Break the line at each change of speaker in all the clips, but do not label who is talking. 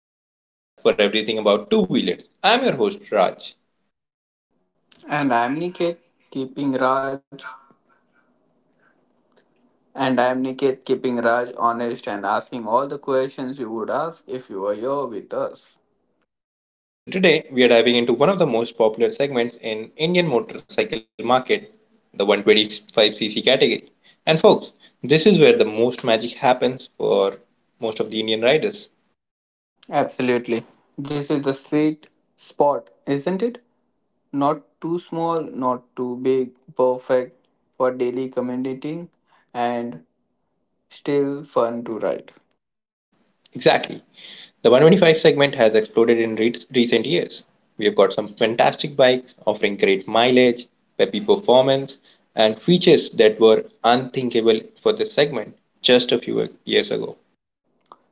your go to podcast for everything about two wheelers. I'm your host, Raj.
And I'm Niket, keeping Raj. keeping Raj honest and asking all the questions you would ask if you were here with us.
So, today we are diving into one of the most popular segments in Indian motorcycle market, the 125cc category. And, folks, this is where the most magic happens for most of the Indian riders.
Absolutely. This is the sweet spot, isn't it? Not too small, not too big, perfect for daily commuting and still fun to ride.
Exactly. The 125 segment has exploded in recent years. We have got some fantastic bikes offering great mileage, peppy performance, and features that were unthinkable for this segment just a few years ago.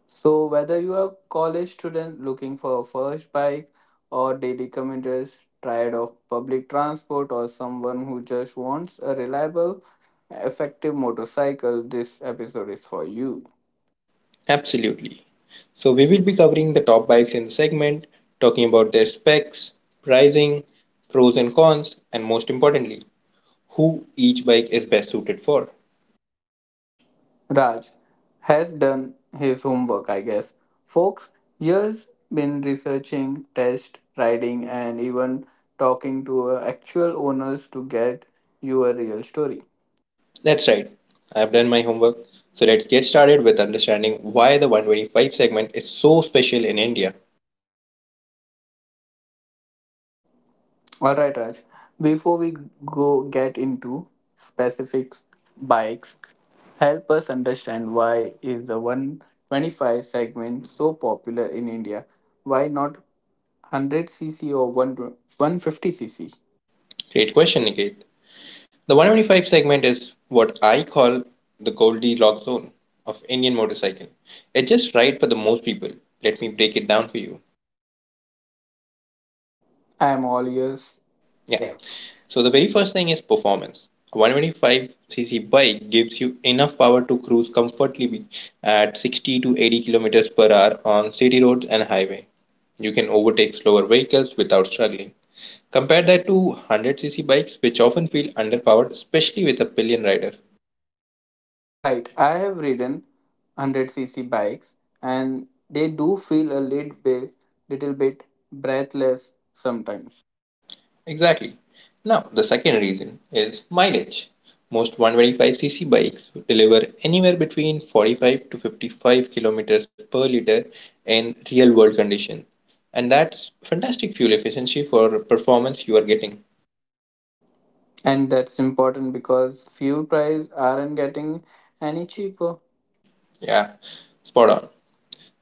So, whether you are a college student looking for a first bike, or daily commuters tired of public transport, or someone who just wants a reliable, effective motorcycle, this episode is for you.
Absolutely. So, we will be covering the top bikes in the segment, talking about their specs, pricing, pros and cons, and most importantly, who each bike is best suited for.
Raj has done his homework, I guess. Folks, years been researching, test riding, and even talking to actual owners to get you a real story.
That's right. I've done my homework. So let's get started with understanding why the 125 segment is so special in India.
All right, Raj. Before we go get into specifics bikes, help us understand why is the 125 segment so popular in India? Why not 100cc or 150cc?
Great question, Niket. The 125 segment is what I call the Goldilocks zone of Indian motorcycle. It's just right for the most people. Let me break it down for you.
I am all ears.
Yeah. So the very first thing is performance. A 125cc bike gives you enough power to cruise comfortably at 60 to 80 kilometers per hour on city roads and highway. You can overtake slower vehicles without struggling. Compare that to 100cc bikes which often feel underpowered especially with a pillion rider.
Right, I have ridden 100cc bikes and they do feel a little bit breathless sometimes.
Exactly. Now, the second reason is mileage. Most 125cc bikes deliver anywhere between 45 to 55 kilometers per liter in real world conditions, and that's fantastic fuel efficiency for performance you are getting.
And that's important because fuel prices aren't getting any cheaper.
Yeah, spot on.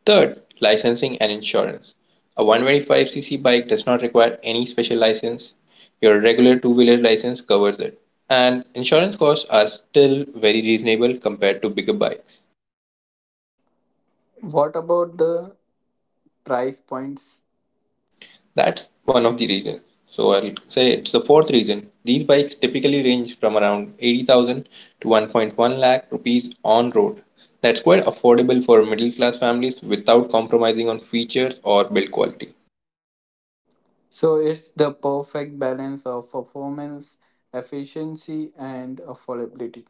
Third, licensing and insurance. A 125cc bike does not require any special license. Your regular two wheeler license covers it, and insurance costs are still very reasonable compared to bigger bikes.
What about the price points?
That's one of the reasons. So I'll say it's the fourth reason. These bikes typically range from around 80,000 to 1.1 lakh rupees on road. That's quite affordable for middle class families without compromising on features or build quality.
So it's the perfect balance of performance, efficiency, and affordability.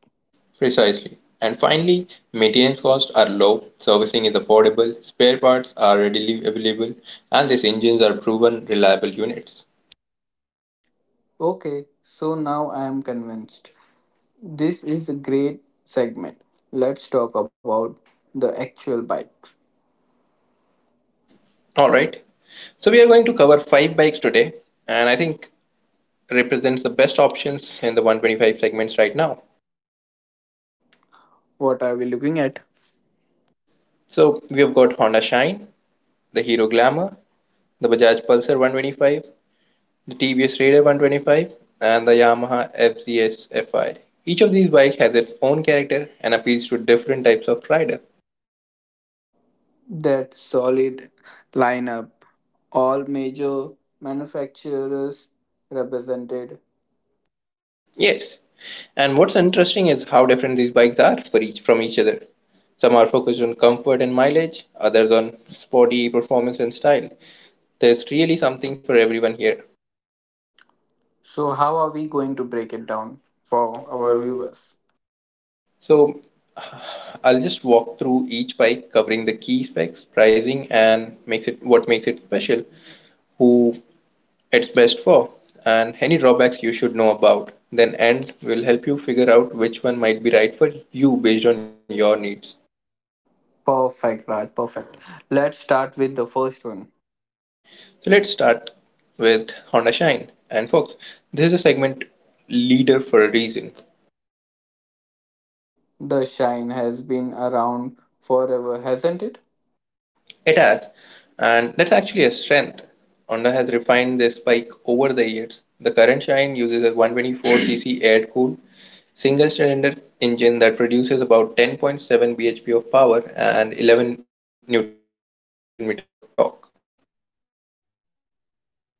Precisely. And finally, maintenance costs are low, servicing is affordable, spare parts are readily available, and these engines are proven reliable units.
Okay, so now I am convinced. This is a great segment. Let's talk about the actual bikes.
Alright, so we are going to cover five bikes today, and I think represents the best options in the 125 segments right now.
What are we looking at?
So we have got Honda Shine, the Hero Glamour, the Bajaj Pulsar 125, the TVS Raider 125, and the Yamaha FZS Fi. Each of these bikes has its own character and appeals to different types of rider.
That solid lineup. All major manufacturers represented.
Yes, and what's interesting is how different these bikes are for each from each other. Some are focused on comfort and mileage, others on sporty performance and style. There's really something for everyone here.
So, how are we going to break it down for our viewers?
So I'll just walk through each bike, covering the key specs, pricing, and makes it what makes it special, who it's best for, and any drawbacks you should know about. Then end will help you figure out which one might be right for you based on your needs.
Perfect, Raj. Perfect. Let's start with the first one.
So let's start with Honda Shine and Fox. This is a segment leader for a reason.
The Shine has been around forever, hasn't it?
It has, and that's actually a strength. Honda has refined this bike over the years. The current Shine uses a 124cc air cooled single cylinder engine that produces about 10.7 bhp of power and 11 newton meter of torque.
Those numbers sounds modest.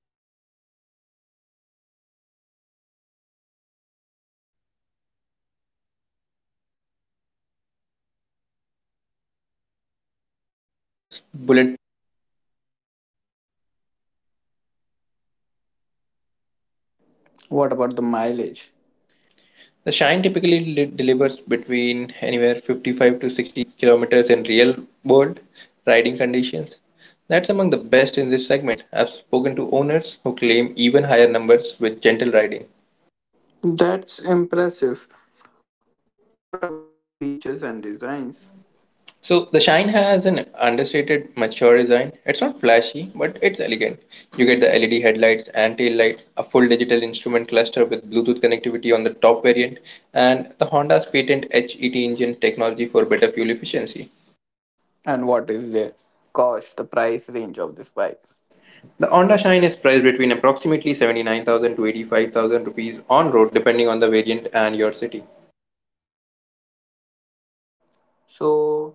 They are modest on paper, but here's the thing the engine is incredibly refined. It's smooth and it's silent. Also, it's bulletproof reliable. Honda engines are known for longevity, and the Shine is no
What about
exception.
the mileage?
The shine typically delivers between anywhere 55 to 60 kilometers in real world riding conditions. That's among the best in this segment. I've spoken to owners who claim even higher numbers with gentle riding.
That's impressive. What about the features and designs?
So the Shine has an understated mature design. It's not flashy, but it's elegant. You get the LED headlights and tail lights, a full digital instrument cluster with Bluetooth connectivity on the top variant, and the Honda's patent HET engine technology for better fuel efficiency.
And what is the cost, the price range of this bike?
The Honda Shine is priced between approximately 79,000 to 85,000 rupees on road, depending on the variant and your city.
So,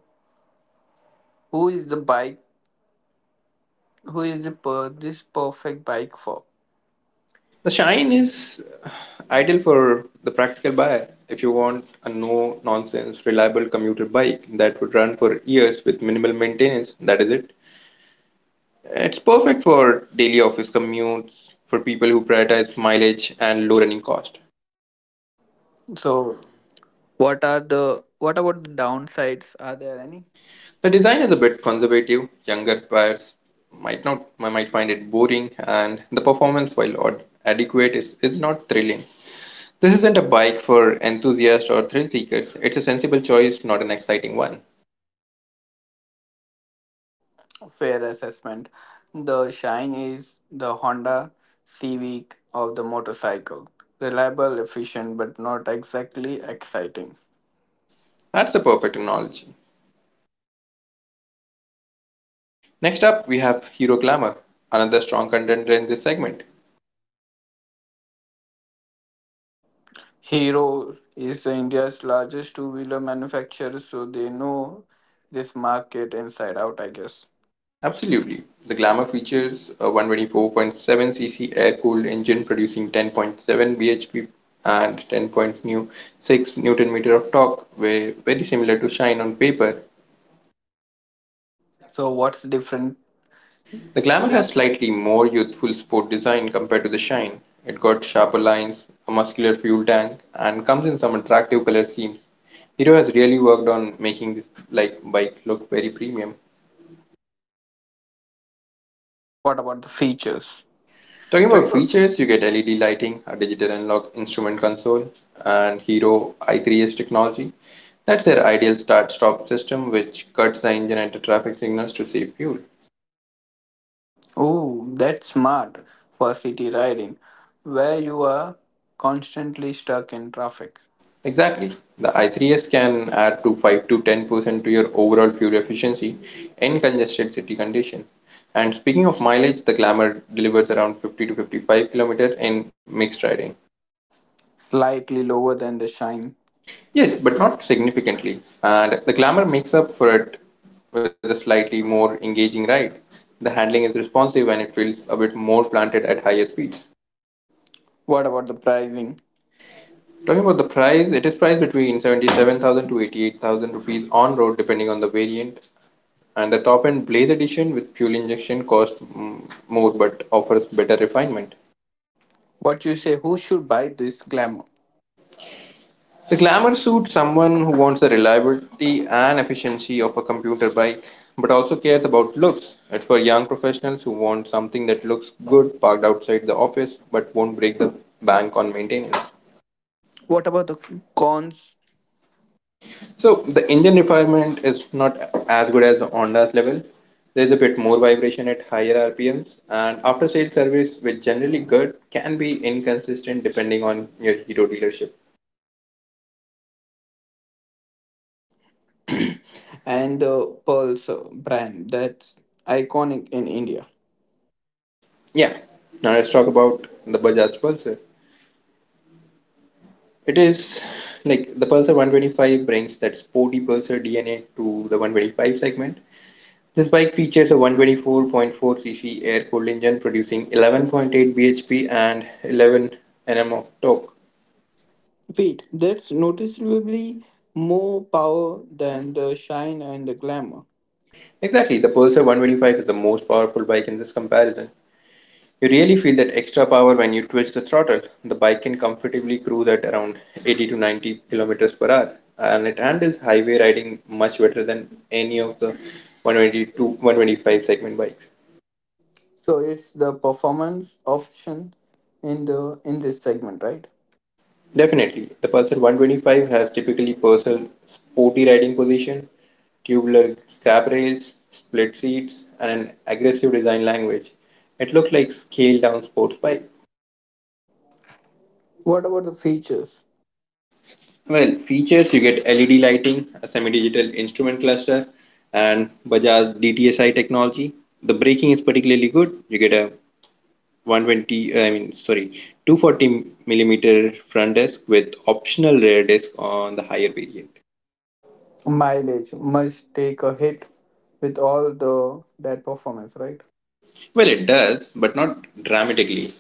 who is the bike? Who is this perfect bike for?
The Shine is ideal for the practical buyer. If you want a no nonsense, reliable commuter bike that would run for years with minimal maintenance, that is it. It's perfect for daily office commutes, for people who prioritize mileage and low running cost.
So, what are the what about the downsides? Are there any?
The design is a bit conservative. Younger buyers might not might find it boring, and the performance, while odd, adequate, is not thrilling. This isn't a bike for enthusiasts or thrill seekers. It's a sensible choice, not an exciting one.
Fair assessment. The Shine is the Honda Civic of the motorcycle. Reliable, efficient, but not exactly exciting.
That's the perfect analogy. Next up, we have Hero Glamour, another strong contender in this segment.
Hero is the India's largest two wheeler manufacturer, so they know this market inside out, I guess.
Absolutely. The Glamour features a 124.7cc air-cooled engine producing 10.7 bhp and 10.6 newton meter of torque, were very similar to Shine on paper.
So, what's different?
The
The
Glamour
gla-
has slightly more youthful sport design compared to the Shine. It got sharper lines, a muscular fuel tank, and comes in some attractive color schemes. Hero has really worked on making this like bike look very premium.
What about the features?
Talking
Talking
about
about fe-
features, you get LED lighting, a digital analog instrument console, and Hero i3s technology. That's their ideal start stop system, which cuts the engine at the traffic signals to save fuel.
Oh, that's smart for city riding, where you are constantly stuck in traffic.
Exactly. The i3s can add to 5 to 10% to your overall fuel efficiency in congested city conditions. And speaking of mileage, the Glamour delivers around 50 to 55 kilometers in mixed riding.
Slightly lower than the Shine.
Yes,
Yes,
but
but
not significantly. And the glamour makes up for it with a slightly more engaging ride. The handling is responsive and it feels a bit more planted at higher speeds.
what about the pricing?
Talking about the price, it is priced between 77,000 to 88,000 rupees on road depending on the variant. And the top end Blaze edition with fuel injection costs more but offers better refinement.
What you say? Who should buy this glamour?
The glamour suits someone who wants the reliability and efficiency of a computer bike but also cares about looks. It's for young professionals who want something that looks good parked outside the office but won't break the bank on maintenance.
What about the cons
So the engine refinement is not as good as the Honda's level. There's a bit more vibration at higher RPMs and after sales service which generally good can be inconsistent depending on your hero dealership.
and the pearls brand that's iconic in India?
Yeah. Now let's talk about the Bajaj Pulsar. It is like the Pulsar 125 brings that sporty Pulsar DNA to the 125 segment. This bike features a 124.4cc air-cooled engine producing 11.8 bhp and 11 nm of torque.
Wait, that's noticeably more power than the Shine and the glamour.
Exactly, the Pulsar 125 is the most powerful bike in this comparison. You really feel that extra power when you twitch the throttle. The bike can comfortably cruise at around 80 to 90 kilometers per hour, and it handles highway riding much better than any of the 120 to 125 segment bikes.
So it's the performance option in this segment, right?
Definitely, the Pulsar 125 has typically Purcell sporty riding position, tubular crab rails, split seats, and an aggressive design language. It looks like scaled down sports bike.
What about the features?
Well, features you get LED lighting, a semi-digital instrument cluster, and Bajaj DTSI technology. The braking is particularly good. You get a 120, I mean, sorry, 240 millimeter front disc with optional rear disc on the higher variant.
Mileage must take a hit with all the that performance, right?
Well, it does, but not dramatically.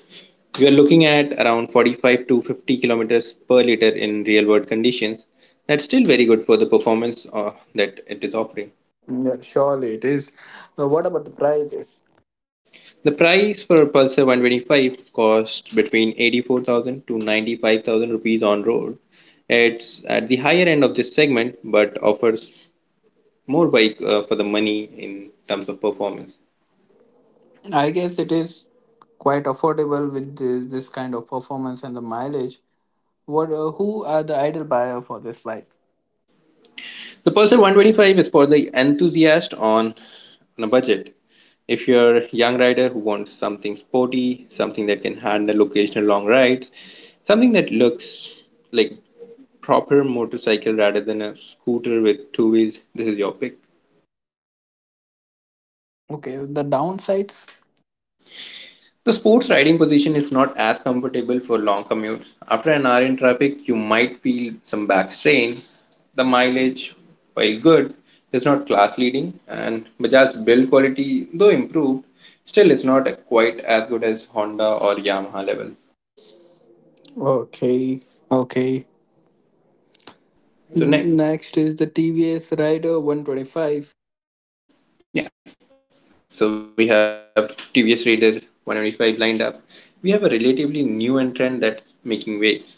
You are looking at around 45 to 50 kilometers per liter in real world conditions. That's still very good for the performance that it is offering.
Yeah, surely it is. Now, what about the prices?
The price for a Pulsar 125 cost between 84,000 to 95,000 rupees on road. It's at the higher end of this segment but offers more bike for the money in terms of performance.
I guess it is quite affordable with this kind of performance and the mileage. What who are the ideal buyer for this bike?
The Pulsar 125 is for the enthusiast on a budget. If you're a young rider who wants something sporty, something that can handle occasional long rides, something that looks like proper motorcycle rather than a scooter with two wheels, this is your pick.
Okay, the downsides.
The sports riding position is not as comfortable for long commutes. After an hour in traffic, you might feel some back strain. The mileage, while good, is not class leading, and Bajaj's build quality, though improved, still is not quite as good as Honda or Yamaha levels.
Okay okay The next
So
Next is
next,
the TVS rider 125.
yeah, so we have TVS Raider 125 lined up. We have a relatively new entrant that's making waves.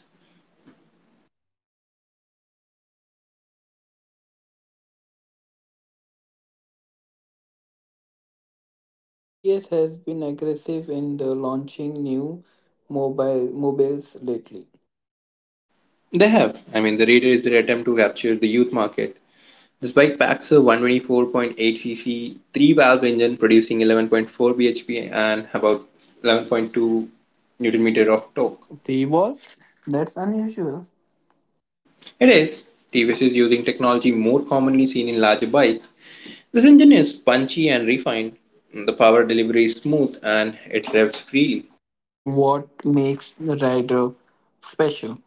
TVS has been aggressive in the launching new mobiles lately.
They have. I mean, the Raider is their attempt to capture the youth market. This bike packs a 124.8cc three-valve engine producing 11.4 bhp and about 11.2 newton meter of torque.
They evolved? That's unusual.
It is TVS is using technology more commonly seen in larger bikes. This engine is punchy and refined. The power delivery is smooth and it revs freely.
What makes the rider special?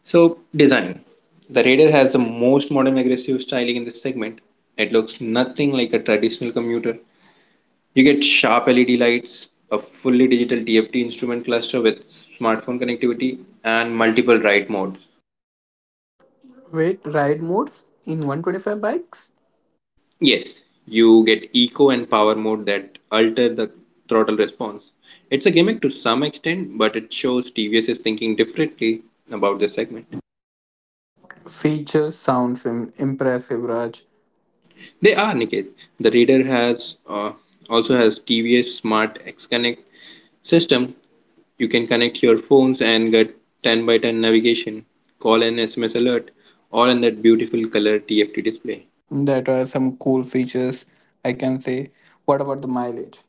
So, design. The Raider has the most modern aggressive styling in this segment. It looks nothing like a traditional commuter. You get sharp LED lights, a fully digital DFT instrument cluster with smartphone connectivity, and multiple write modes.
Wait, ride modes in 125 bikes?
Yes, you get eco and power mode that alter the throttle response. It's a gimmick to some extent, but it shows TVS is thinking differently about this segment.
Features sounds impressive, Raj.
They are, Niket. The reader has also has TVS Smart X Connect system. You can connect your phones and get 10 by 10 navigation, call and SMS alert, all in that beautiful color TFT display.
That are some cool features, I can say. What about the mileage?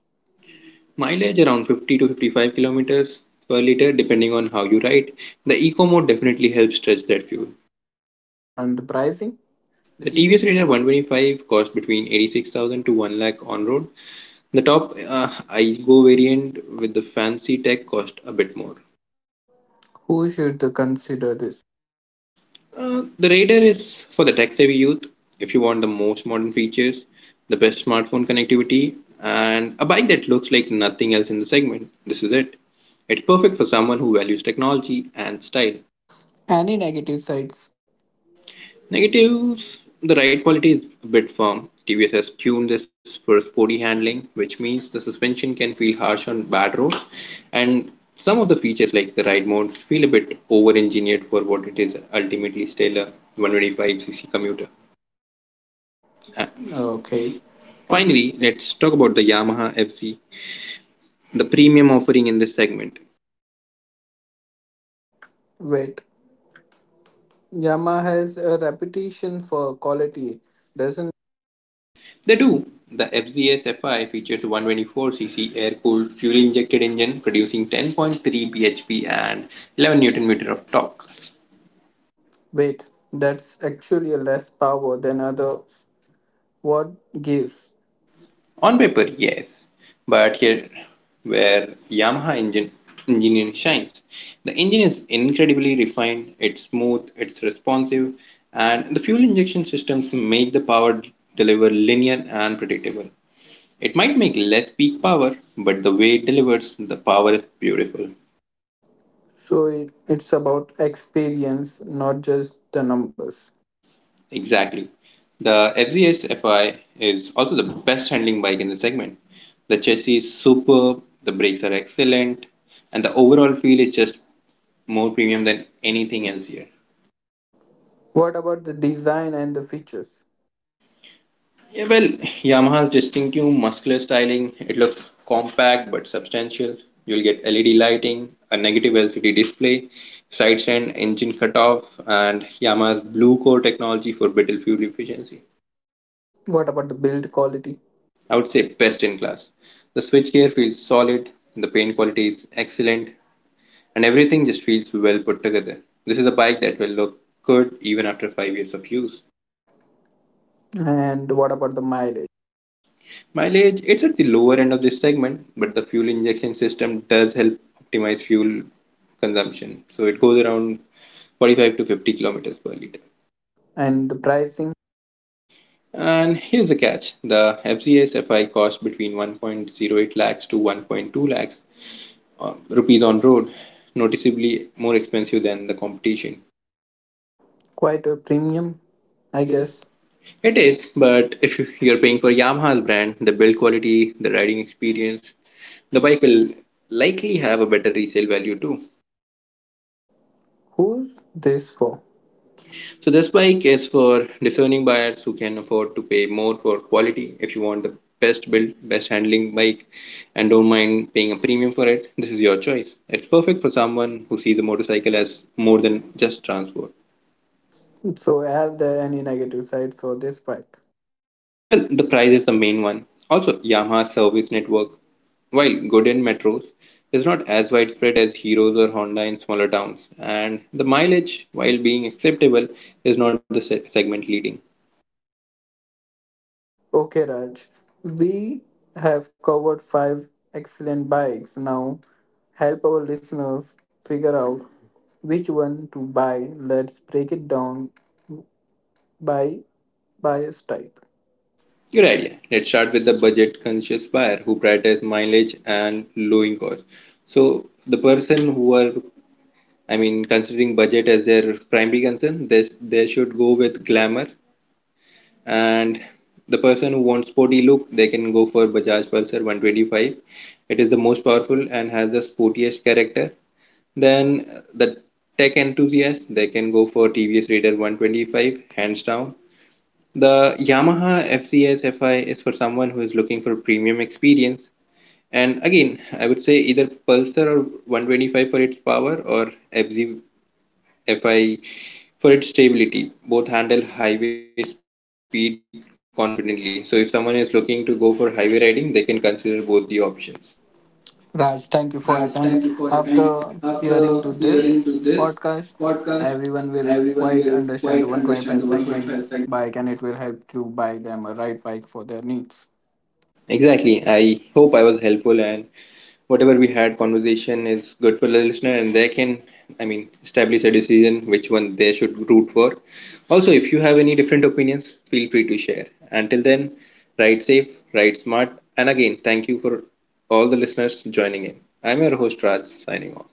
Mileage around 50 to 55 kilometers per liter depending on how you ride. The eco mode definitely helps stretch that fuel.
And the pricing?
The
The TVS
TVS
Media
Raider
one.
125 costs between 86,000 to 1 lakh on road. The top I go variant with the fancy tech cost a bit more.
Who should consider this?
The Raider is for the tech savvy youth. If you want the most modern features, the best smartphone connectivity, and a bike that looks like nothing else in the segment, this is it. It's perfect for someone who values technology and style.
Any negative sides?
Negatives, the ride quality is a bit firm. TVS has tuned this for sporty handling, which means the suspension can feel harsh on bad roads, and some of the features like the ride modes feel a bit over engineered for what it is ultimately still a 125cc commuter.
Okay. Finally,
Finally,
let's.
let's talk about the Yamaha FZ, the premium offering in this segment.
Wait. Yamaha has a reputation for quality. Doesn't.
They do. The FZS FI features a 124cc air cooled fuel injected engine producing 10.3 bhp and 11 newton meter of torque.
Wait, that's actually a less power than other word gives.
On paper, yes, but here where Yamaha engine engineering shines. The engine is incredibly refined, it's smooth, it's responsive, and the fuel injection systems make the power deliver linear and predictable. It might make less peak power, but the way it delivers the power is beautiful.
So it's about experience, not just the numbers.
Exactly. The FZS FI is also the best handling bike in the segment. The chassis is superb, the brakes are excellent, and the overall feel is just more premium than anything else here.
What about the design and the features?
Yeah, well, Yamaha's distinctive muscular styling, it looks compact but substantial. You'll get LED lighting, a negative LCD display, side stand engine cutoff, and Yamaha's blue core technology for better fuel efficiency.
What about the build quality?
I would say best in class. The switchgear feels solid, the paint quality is excellent, and everything just feels well put together. This is a bike that will look good even after 5 years of use.
And what about the mileage?
Mileage, it's at the lower end of this segment, but the fuel injection system does help optimize fuel consumption. So it goes around 45 to 50 kilometers per liter.
And the pricing?
And here's the catch, the FCSFI costs between 1.08 lakhs to 1.2 lakhs rupees on road, noticeably more expensive than the competition.
Quite a premium,
I
I
guess.
guess.
It is, but if you're paying for Yamaha's brand, the build quality, the riding experience, the bike will likely have a better resale value too.
Who's this for?
So this bike is for discerning buyers who can afford to pay more for quality. If you want the best build, best handling bike and don't mind paying a premium for it, this is your choice. It's perfect for someone who sees a motorcycle as more than just transport.
So are there any negative sides for this bike?
Well, the price is the main one. Also, Yamaha's service network, while good in metros, is not as widespread as Hero's or Honda in smaller towns, and the mileage, while being acceptable, is not the segment leading.
Okay, Raj. We have covered five excellent bikes. Now, help our listeners figure out which one to buy. Let's break it down by bias type.
Good idea. Let's start with the budget conscious buyer who prioritizes mileage and lowering cost. So the person who are, I mean, considering budget as their primary concern, they should go with glamour, and the person who wants sporty look, they can go for Bajaj Pulsar 125. It is the most powerful and has the sportiest character. Then the tech enthusiast, they can go for TVS Raider 125 hands down. The Yamaha FCS FI is for someone who is looking for premium experience. And again, I would say either Pulsar or 125 for its power or FZ FI for its stability. Both handle highway speed confidently. So if someone is looking to go for highway riding, they can consider both the options.
Raj, thank you for your time. After hearing to this podcast, everyone will quite understand the 125 segment bike and it will help to buy them a right bike for their needs.
Exactly. I hope I was helpful and whatever we had conversation is good for the listener and they can, I mean, establish a decision which one they should root for. Also if you have any different opinions, feel free to share. Until then, ride safe, ride smart, and again thank you for all the listeners joining in. I'm your host Raj signing off.